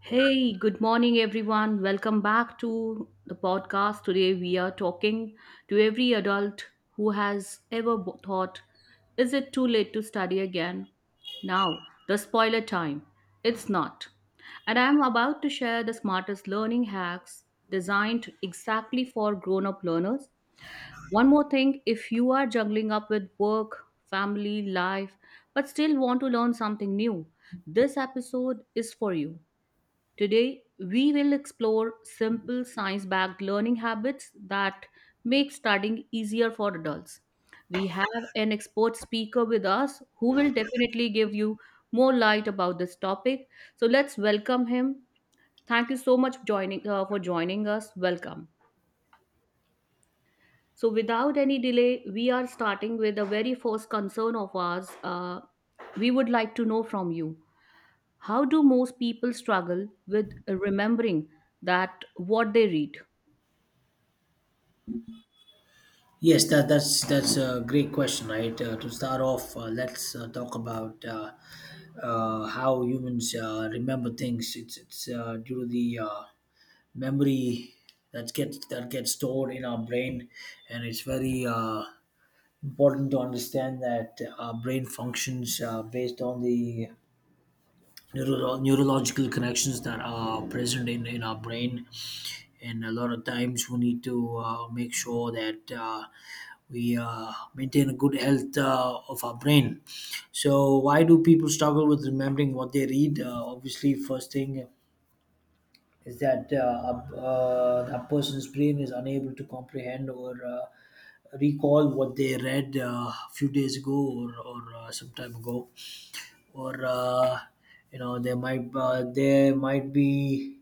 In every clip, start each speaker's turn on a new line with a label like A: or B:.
A: Hey, good morning, everyone. Welcome back to the podcast. Today, we are talking to every adult who has ever thought, is it too late to study again? Now, the spoiler time. It's not. And I'm about to share the smartest learning hacks designed exactly for grown up learners. One more thing, if you are juggling up with work, family, life, but still want to learn something new, this episode is for you. Today, we will explore simple science-backed learning habits that make studying easier for adults. We have an expert speaker with us who will definitely give you more light about this topic. So let's welcome him. Thank you so much for joining for joining us. Welcome. So without any delay, we are starting with the very first concern of ours. We would like to know from you. How do most people struggle with remembering that what they read?
B: That's a great question, right? To start off, let's talk about how humans remember things. It's due to the memory that gets stored in our brain, and it's very important to understand that our brain functions based on the neurological connections that are present in our brain. And a lot of times we need to make sure that we maintain a good health of our brain. So, why do people struggle with remembering what they read? Obviously, first thing is that that person's brain is unable to comprehend or recall what they read a few days ago or some time ago or you know there might be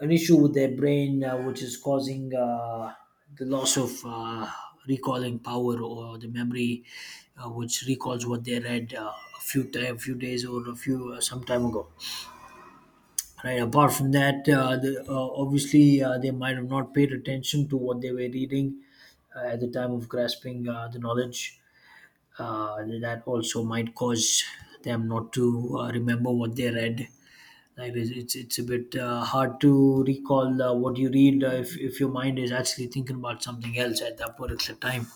B: an issue with their brain which is causing the loss of recalling power or the memory which recalls what they read a few time, few days or a few some time ago, right. Apart from that obviously they might have not paid attention to what they were reading at the time of grasping the knowledge. Uh, that also might cause them not to remember what they read. Right, it's a bit hard to recall what you read if your mind is actually thinking about something else at that particular time.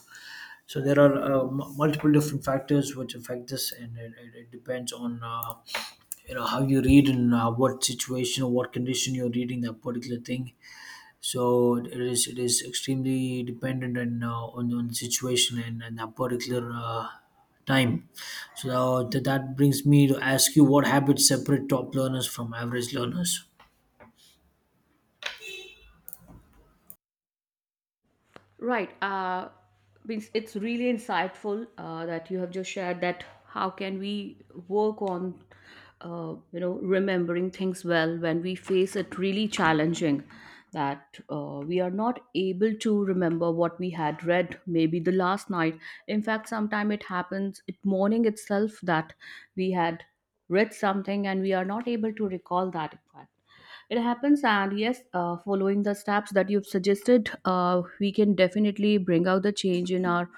B: So there are multiple different factors which affect this, and it depends on you know how you read and what situation or what condition you're reading that particular thing. So it is extremely dependent on on the situation and that particular time. So th- that brings me to ask you, what habits separate top learners from average learners?
A: Right. Means it's really insightful that you have just shared, that how can we work on, remembering things well when we face it really challenging, that we are not able to remember what we had read maybe the last night. In fact, sometime it happens it morning itself that we had read something and we are not able to recall that fact. It happens, and yes, following the steps that you've suggested, we can definitely bring out the change in our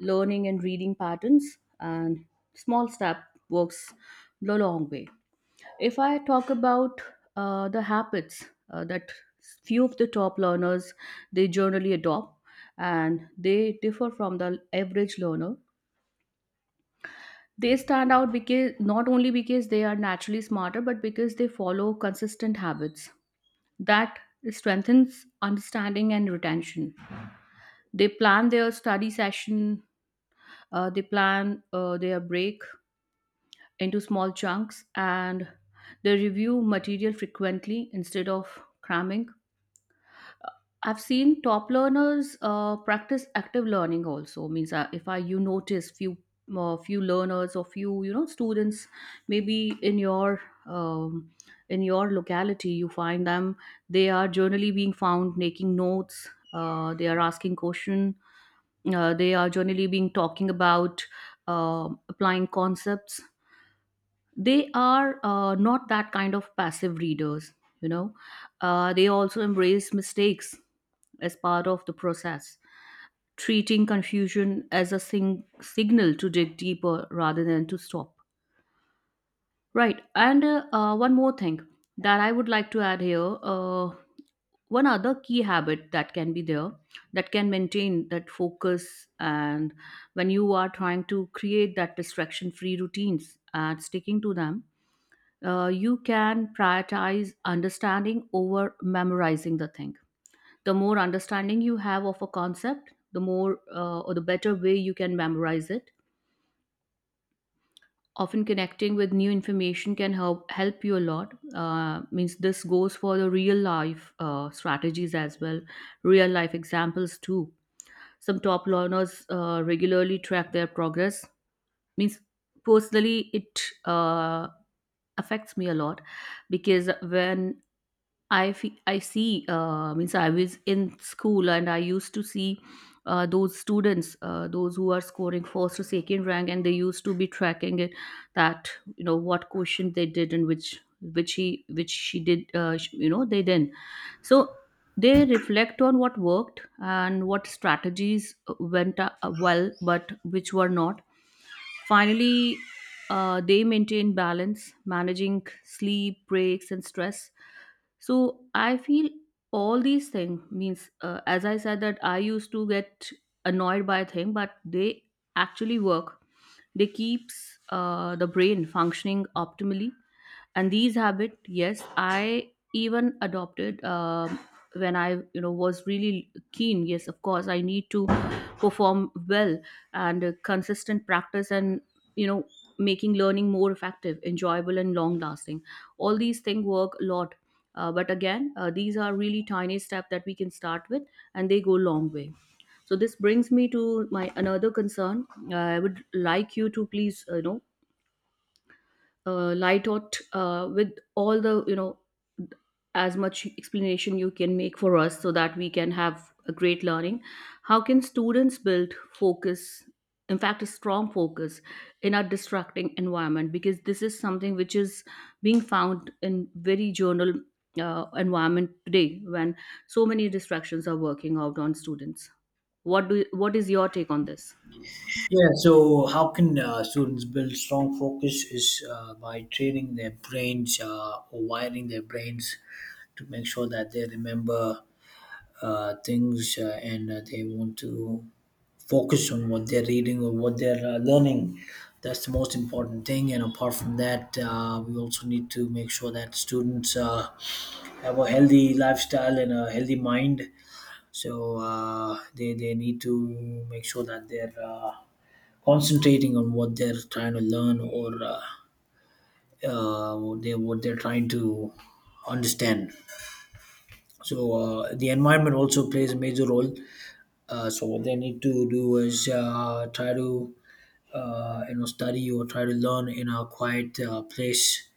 A: learning and reading patterns. And small step works the long way. If I talk about the habits that few of the top learners they generally adopt, and they differ from the average learner, they stand out because not only because they are naturally smarter, but because they follow consistent habits that strengthens understanding and retention. They plan their study session. They plan their break into small chunks, and they review material frequently instead of cramming. I've seen top learners practice active learning also. Means if I you notice few few learners or few, you know, students maybe um, in your locality, you find them they are generally being found making notes. They are asking question. They are generally being talking about applying concepts. They are not that kind of passive readers, you know. They also embrace mistakes as part of the process, treating confusion as a signal to dig deeper rather than to stop. Right, and one more thing that I would like to add here, one other key habit that can be there, that can maintain that focus. And when you are trying to create that distraction free routines and sticking to them, you can prioritize understanding over memorizing the thing. The more understanding you have of a concept, the more or the better way you can memorize it. Often connecting with new information can help you a lot. Means this goes for the real life strategies as well, real life examples too. Some top learners regularly track their progress. Means personally, it affects me a lot because when I see. Means I was in school and I used to see those students, those who are scoring first or second rank, and they used to be tracking it, that you know what question they did and which he which she did. You know they did. So they reflect on what worked and what strategies went well, but which were not. Finally, they maintain balance, managing sleep, breaks, and stress. So I feel all these things means, as I said, that I used to get annoyed by a thing, but they actually work. They keeps the brain functioning optimally, and these habit, yes, I even adopted, when I, you know, was really keen. Yes, of course, I need to perform well, and consistent practice and, you know, making learning more effective, enjoyable and long lasting, all these things work a lot. But again, these are really tiny steps that we can start with, and they go long way. So this brings me to my another concern. I would like you to please, light out with all the, you know, as much explanation you can make for us so that we can have a great learning. How can students build focus, in fact a strong focus, in a distracting environment, because this is something which is being found in very journal environment today, when so many distractions are working out on students. What do what is your take on this?
B: Yeah, so how can students build strong focus is by training their brains or wiring their brains to make sure that they remember things and they want to focus on what they're reading or what they're learning. That's the most important thing. And apart from that, we also need to make sure that students have a healthy lifestyle and a healthy mind. So they need to make sure that they're concentrating on what they're trying to learn or what they're trying to understand. So the environment also plays a major role. So what they need to do is try to you know study or try to learn in a quiet place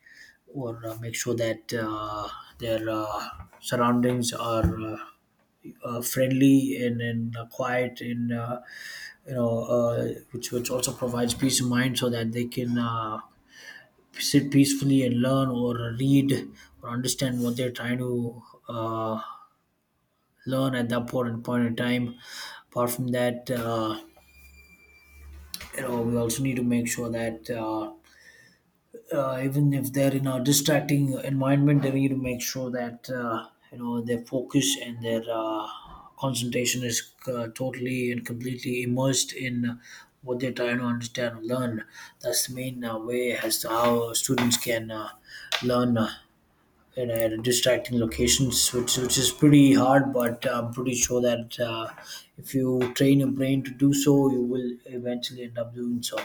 B: or make sure that their surroundings are friendly and quiet and you know which also provides peace of mind so that they can sit peacefully and learn or read or understand what they're trying to uh, learn at that point in time. Apart from that you know we also need to make sure that even if they're in a distracting environment, they need to make sure that you know their focus and their concentration is totally and completely immersed in what they're trying to understand and learn. That's the main way as to how students can learn in distracting locations, which is pretty hard, but I'm pretty sure that if you train your brain to do so, you will eventually end up doing so.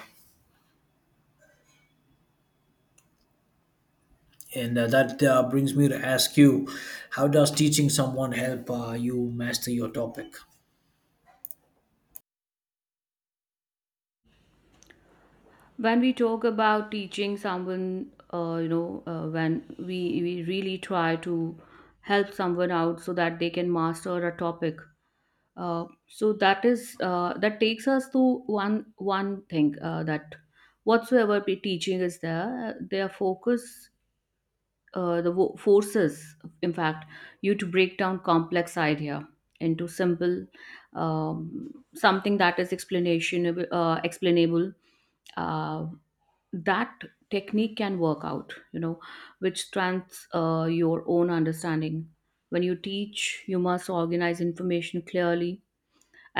B: And that brings me to ask you, how does teaching someone help you master your topic?
A: When we talk about teaching someone, when we really try to help someone out so that they can master a topic, so that is that takes us to one thing, that whatsoever the teaching is there, their focus, forces, in fact, you to break down complex idea into simple, something that is explanation explainable, uh, that technique can work out, you know, which strengthens your own understanding. When you teach, you must organize information clearly.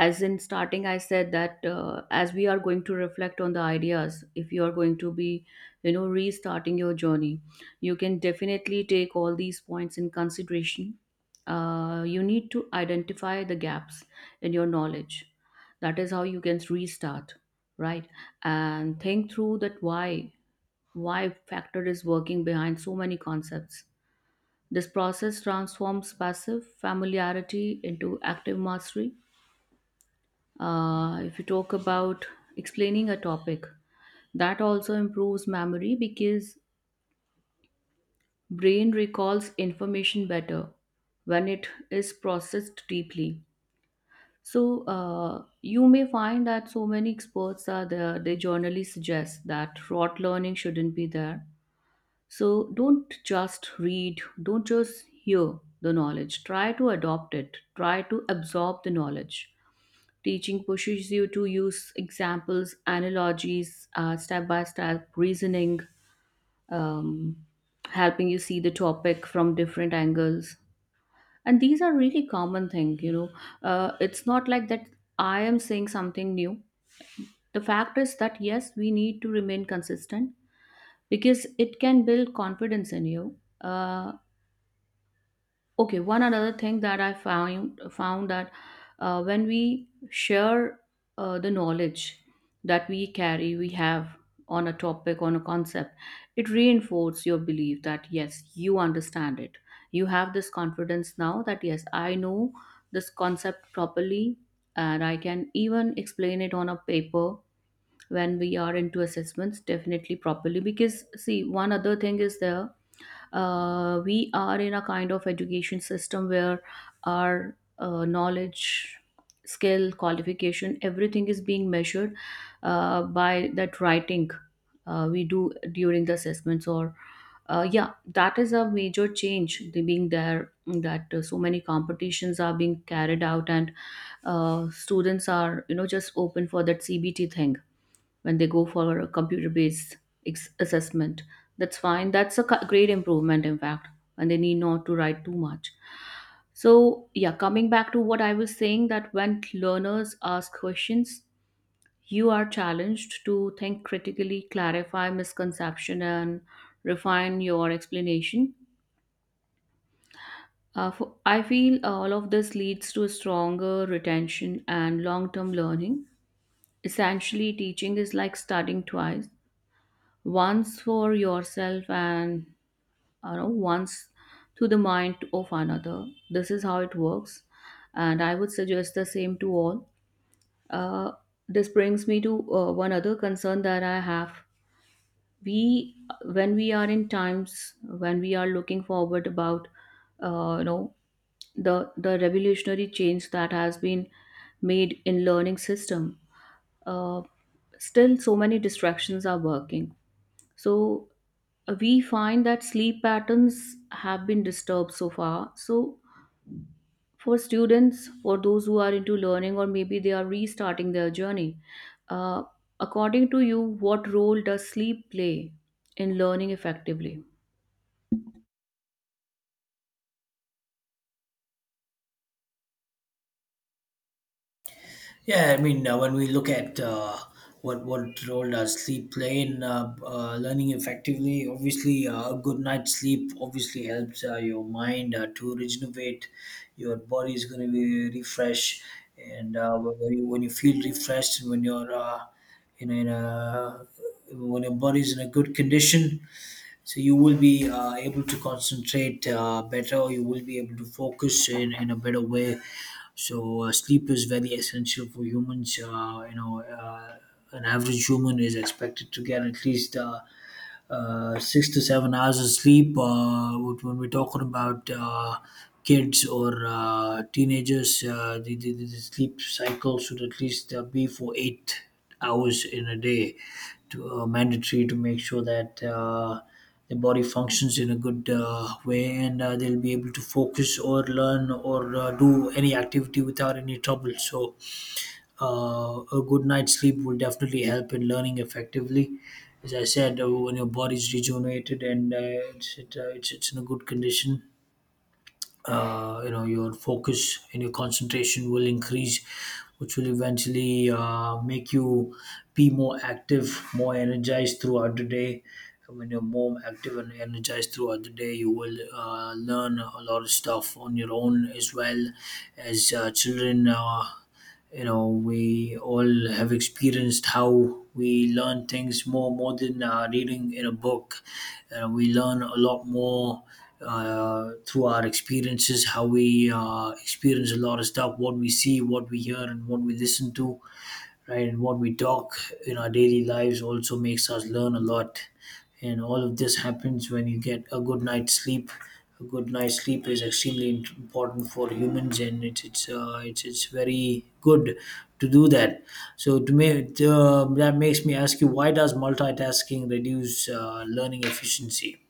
A: As in starting I said that, as we are going to reflect on the ideas, if you are going to be, you know, restarting your journey, you can definitely take all these points in consideration. You need to identify the gaps in your knowledge. That is how you can restart, right? And think through that why factor is working behind so many concepts. This process transforms passive familiarity into active mastery. If you talk about explaining a topic, that also improves memory because brain recalls information better when it is processed deeply. So you may find that so many experts are there. They generally suggest that rote learning shouldn't be there. So don't just read, don't just hear the knowledge. Try to adopt it, try to absorb the knowledge. Teaching pushes you to use examples, analogies, step by step reasoning, um, helping you see the topic from different angles. And these are really common thing, you know. It's not like that I am saying something new. The fact is that, yes, we need to remain consistent because it can build confidence in you. Uh, okay, one another thing that I found that when we share the knowledge that we carry, we have, on a topic, on a concept, it reinforces your belief that yes, you understand it. You have this confidence now that yes, I know this concept properly, and I can even explain it on a paper when we are into assessments definitely properly, because see, one other thing is there, we are in a kind of education system where our knowledge, skill, qualification, everything is being measured by that writing we do during the assessments. Or yeah, that is a major change the being there, that so many competitions are being carried out, and students are, you know, just open for that CBT thing when they go for a computer-based assessment. That's fine. That's a great improvement, in fact, and they need not to write too much. So, yeah, coming back to what I was saying, that when learners ask questions, you are challenged to think critically, clarify misconception, and refine your explanation. I feel all of this leads to a stronger retention and long term learning. Essentially, teaching is like studying twice, once for yourself and, you know, once to the mind of another. This is how it works, and I would suggest the same to all. uh, this brings me to one other concern that I have. We When we are in times, when we are looking forward about, uh, you know the revolutionary change that has been made in learning system, uh, still so many distractions are working. So we find that sleep patterns have been disturbed so far. So for students, for those who are into learning or maybe they are restarting their journey, uh, according to you, what role does sleep play in learning effectively?
B: Yeah, I mean, when we look at what role does sleep play in learning effectively, obviously a good night's sleep obviously helps your mind to regenerate. Your body is going to be refreshed, and when you feel refreshed and when you're you know in a when your body's in a good condition, so you will be able to concentrate better, you will be able to focus in a better way. So sleep is very essential for humans you know an average human is expected to get at least 6 to 7 hours of sleep. But when we're talking about kids or teenagers, the sleep cycle should at least be for 8 hours in a day to mandatory to make sure that the body functions in a good way and they'll be able to focus or learn or do any activity without any trouble. So a good night's sleep will definitely help in learning effectively. As I said, when your body's rejuvenated and it's, it, it's in a good condition, you know your focus and your concentration will increase, which will eventually make you be more active, more energized throughout the day. And when you're more active and energized throughout the day, you will learn a lot of stuff on your own as well as children. You know we all have experienced how we learn things more than reading in a book, we learn a lot more through our experiences, how we experience a lot of stuff, what we see, what we hear and what we listen to, right, and what we talk in our daily lives also makes us learn a lot, and all of this happens when you get a good night's sleep. A good night's sleep is extremely important for humans, and it's very good to do that. So to me, that makes me ask you, why does multitasking reduce learning efficiency?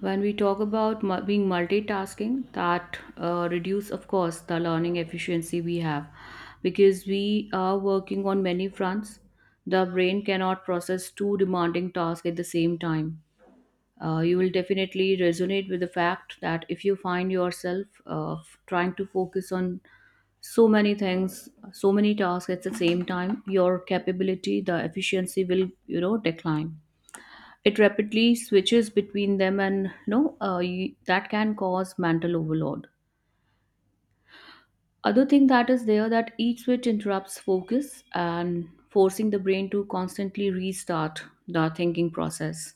A: When we talk about being multitasking, that reduce, of course, the learning efficiency we have because we are working on many fronts. The brain cannot process two demanding tasks at the same time. You will definitely resonate with the fact that if you find yourself trying to focus on so many things, so many tasks at the same time, your capability, the efficiency will, you know, decline. It rapidly switches between them, and that can cause mental overload. Other thing that is there, that each switch interrupts focus and forcing the brain to constantly restart the thinking process,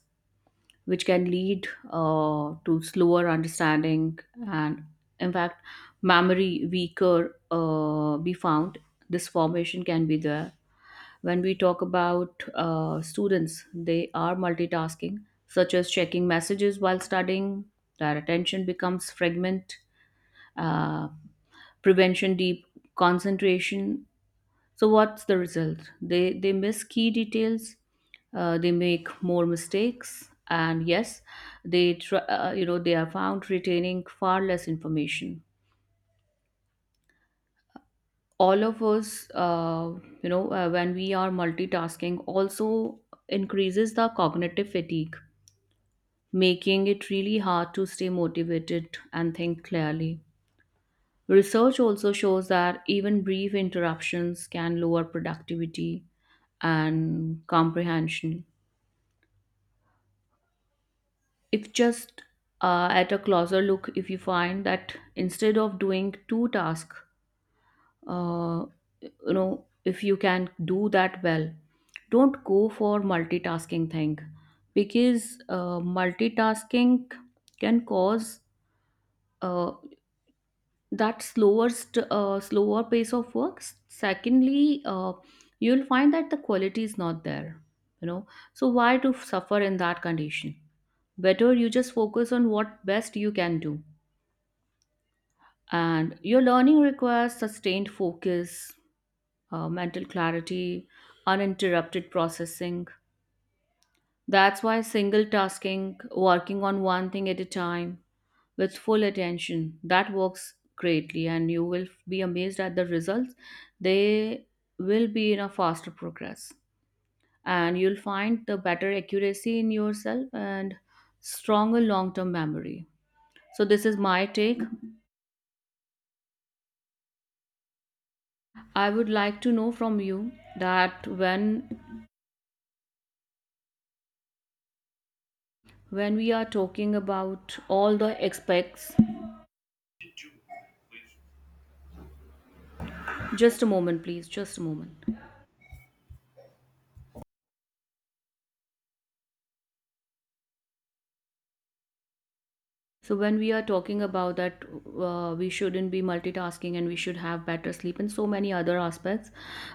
A: which can lead to slower understanding and, in fact, memory weaker be found. This formation can be there. When we talk about students, they are multitasking, such as checking messages while studying. Their attention becomes fragment, uh, prevention deep concentration. So what's the result? They miss key details, they make more mistakes, and yes, they try, they are found retaining far less information. All of us, when we are multitasking, also increases the cognitive fatigue, making it really hard to stay motivated and think clearly. Research also shows that even brief interruptions can lower productivity and comprehension. If just at a closer look, if you find that instead of doing two tasks, uh, if you can do that well, don't go for multitasking thing, because multitasking can cause uh, that slower pace of work. Secondly, you'll find that the quality is not there you know so why to suffer in that condition? Better you just focus on what best you can do. And your learning requires sustained focus, mental clarity, uninterrupted processing. That's why single tasking, working on one thing at a time with full attention, that works greatly. And you will be amazed at the results. They will be in a faster progress. And you'll find the better accuracy in yourself and stronger long term memory. So, this is my take. I would like to know from you that when we are talking about all the aspects, just a moment please, just a moment. So when we are talking about that, we shouldn't be multitasking and we should have better sleep and so many other aspects.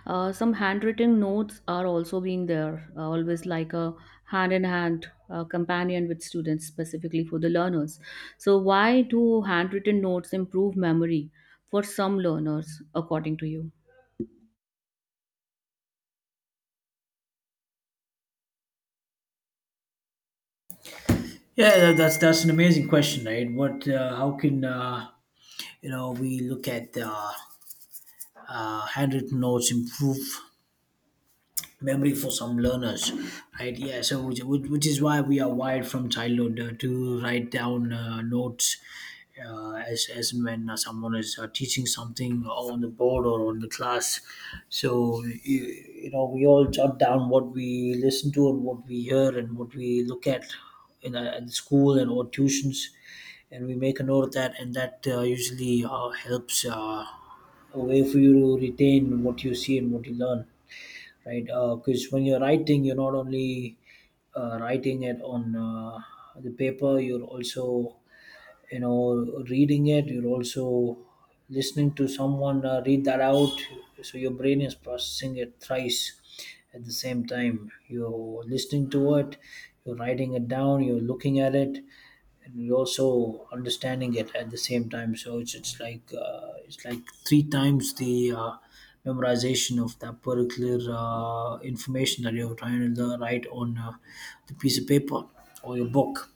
A: Some handwritten notes are also being there, always like a hand in hand companion with students, specifically for the learners. So why do handwritten notes improve memory for some learners, according to you?
B: Yeah, that's an amazing question, right? What, how can you know we look at handwritten notes improve memory for some learners, right? Yeah, so which is why we are wired from childhood to write down notes as and when someone is teaching something on the board or on the class. so you, you know we all jot down what we listen to and what we hear and what we look at in school and or tuitions, and we make a note of that, and that usually helps a way for you to retain what you see and what you learn, right? Because when you're writing, you're not only writing it on the paper, you're also, you know, reading it. You're also listening to someone read that out. So your brain is processing it thrice at the same time. You're listening to it, you're writing it down, you're looking at it, and we're also understanding it at the same time. So it's it's like three times the memorization of that particular information that you're trying to learn, write on the piece of paper or your book,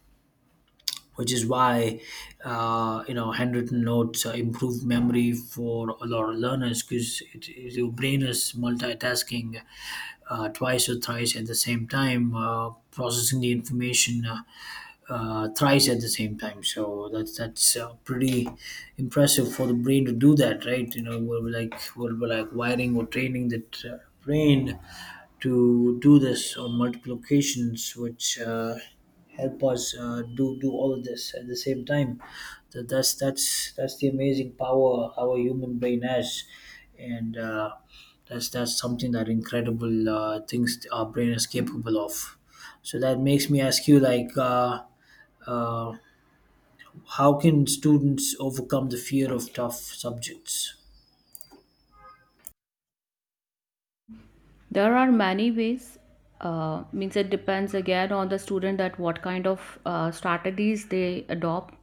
B: which is why you know handwritten notes improve memory for a lot of learners, because your brain is multitasking twice or thrice at the same time, processing the information thrice at the same time. So that's pretty impressive for the brain to do that, right? You know, we're like wiring or training that brain to do this on multiple occasions, which help us do all of this at the same time. That's that's the amazing power our human brain has, and that's something that incredible things our brain is capable of. So that makes me ask you, like, uh, how can students overcome the fear of tough subjects?
A: There are many ways. Means it depends again on the student that what kind of strategies they adopt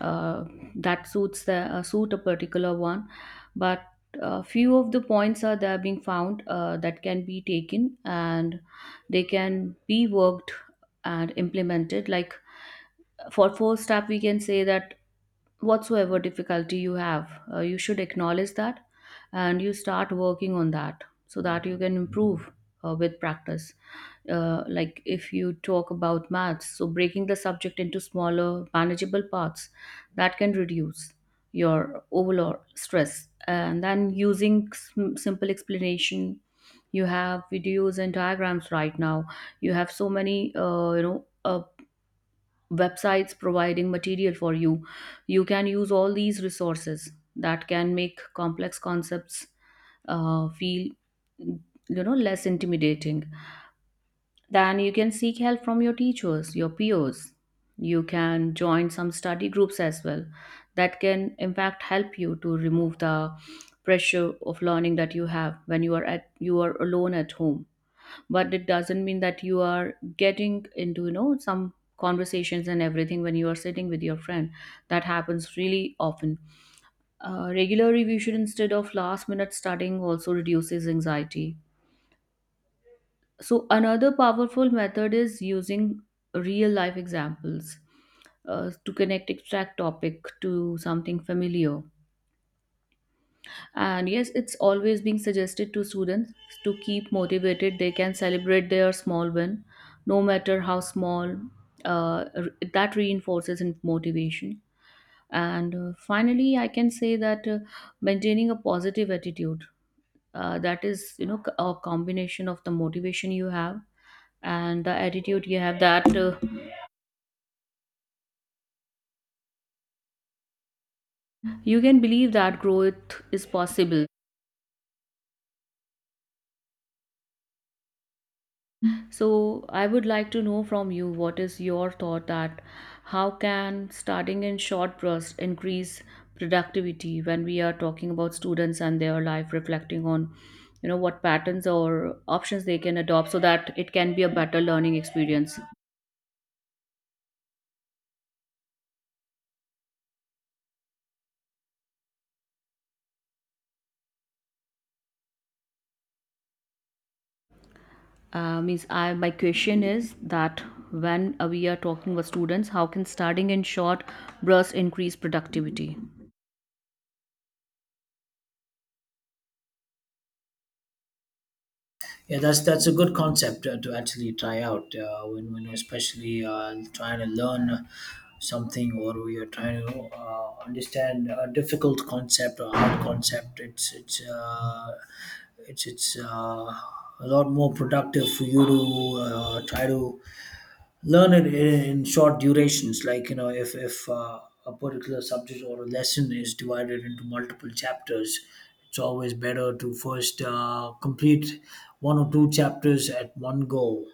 A: uh, that suit a particular one. But few of the points are there being found that can be taken and they can be worked and implemented. Like, for first step we can say that whatsoever difficulty you have, you should acknowledge that and you start working on that so that you can improve with practice. Like, if you talk about maths, so breaking the subject into smaller, manageable parts that can reduce your overall stress. And then using simple explanation, you have videos and diagrams right now. You have so many, websites providing material for you. You can use all these resources that can make complex concepts feel, you know, less intimidating. Then you can seek help from your teachers, your peers. You can join some study groups as well that can, in fact, help you to remove the pressure of learning that you have when you are at you are alone at home. But it doesn't mean that you are getting into, you know, some conversations and everything when you are sitting with your friend. That happens really often. Regular revision instead of last minute studying also reduces anxiety. So another powerful method is using real life examples to connect abstract topic to something familiar. And yes, it's always being suggested to students to keep motivated. They can celebrate their small win, no matter how small. That reinforces in motivation. And finally, I can say that, maintaining a positive attitude. That is, you know, a combination of the motivation you have and the attitude you have. That, you can believe that growth is possible. So I would like to know from you, what is your thought that how can starting in short bursts increase productivity when we are talking about students and their life, reflecting on, you know, what patterns or options they can adopt so that it can be a better learning experience. Means I my question is that when, we are talking with students, how can starting in short bursts increase productivity?
B: Yeah, that's a good concept to actually try out when especially trying to learn something or we are trying to understand a difficult concept or hard concept. It's it's it's uh, a lot more productive for you to try to learn it in short durations, like you know if a particular subject or a lesson is divided into multiple chapters, it's always better to first complete one or two chapters at one go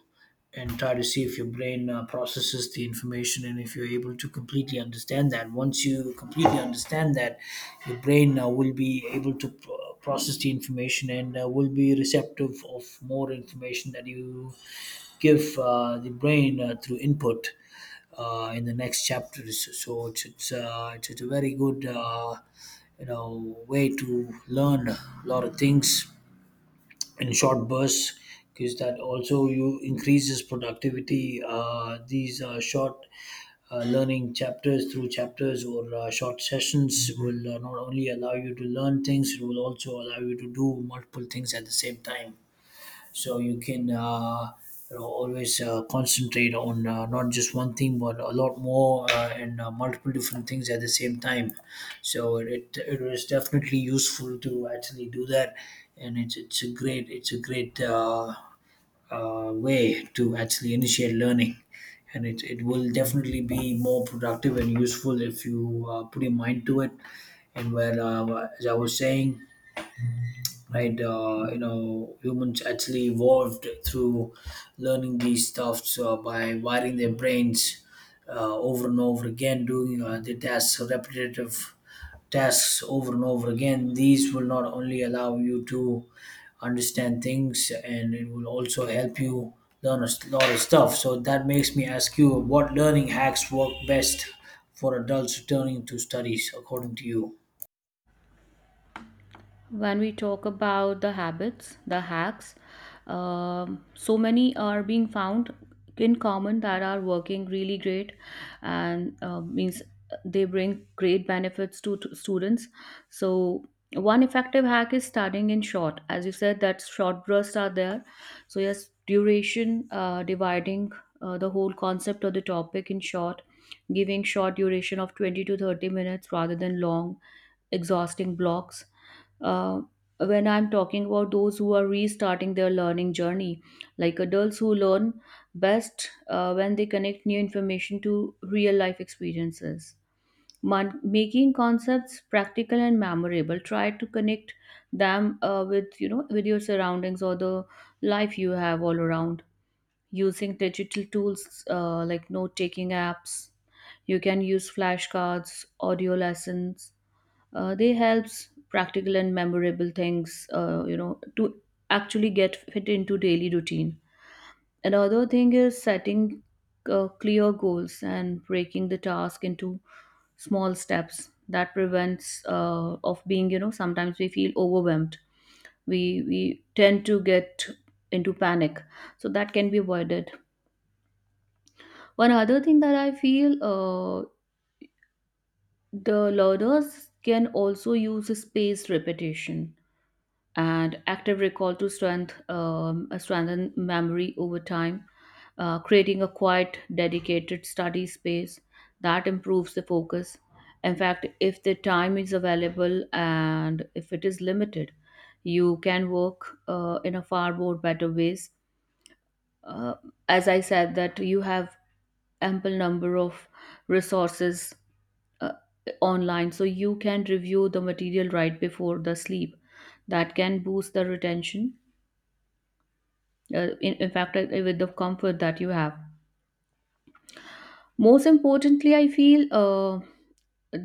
B: and try to see if your brain processes the information, and if you're able to completely understand that. Once you completely understand that, your brain will be able to process the information and will be receptive of more information that you give the brain through input in the next chapters. So it's it's a very good you know way to learn a lot of things in short bursts, because that also you increases productivity. These short learning chapters through chapters or short sessions will not only allow you to learn things, it will also allow you to do multiple things at the same time. So you can you know always concentrate on not just one thing but a lot more and multiple different things at the same time. So it was definitely useful to actually do that, and it's it's a great way to actually initiate learning, and it will definitely be more productive and useful if you put your mind to it. And where as I was saying, right, you know humans actually evolved through learning these stuffs by wiring their brains over and over again, doing the tasks repetitive tasks over and over again. These will not only allow you to understand things, and it will also help you learn a lot of stuff. So that makes me ask you, what learning hacks work best for adults returning to studies according to you all?
A: When we talk about the habits, the hacks, so many are being found in common that are working really great. And means they bring great benefits to students. So, one effective hack is studying in short. As you said, that short bursts are there. So, yes, duration, dividing the whole concept of the topic in short, giving short duration of 20 to 30 minutes rather than long exhausting blocks. Uh, when I'm talking about those who are restarting their learning journey, like adults, who learn best when they connect new information to real life experiences. Making concepts practical and memorable. Try to connect them with, you know, with your surroundings or the life you have all around. Using digital tools like note taking apps, you can use flashcards, audio lessons. They helps practical and memorable things to actually get fit into daily routine. Another thing is setting clear goals and breaking the task into small steps that prevents, of being, you know, sometimes we feel overwhelmed. We tend to get into panic, so that can be avoided. One other thing that I feel, the learners can also use spaced repetition and active recall to strengthen memory over time. Creating a quiet, dedicated study space that improves the focus. In fact, if the time is available and if it is limited, you can work in a far more better ways. Uh, as I said, that you have ample number of resources uh, online, so you can review the material right before the sleep. That can boost the retention, in fact, with the comfort that you have. Most importantly, I feel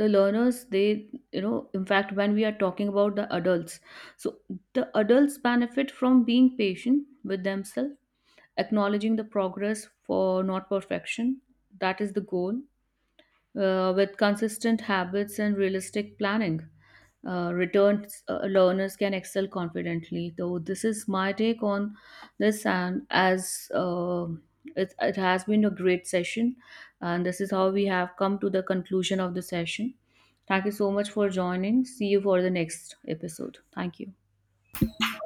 A: the learners, they, you know, in fact, when we are talking about the adults, so the adults benefit from being patient with themselves, acknowledging the progress, for not perfection that is the goal. With consistent habits and realistic planning, returned learners can excel confidently. So this is my take on this. And as it has been a great session, and this is how we have come to the conclusion of the session. Thank you so much for joining. See you for the next episode. Thank you.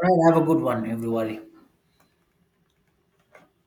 B: Right, have a good one, everybody.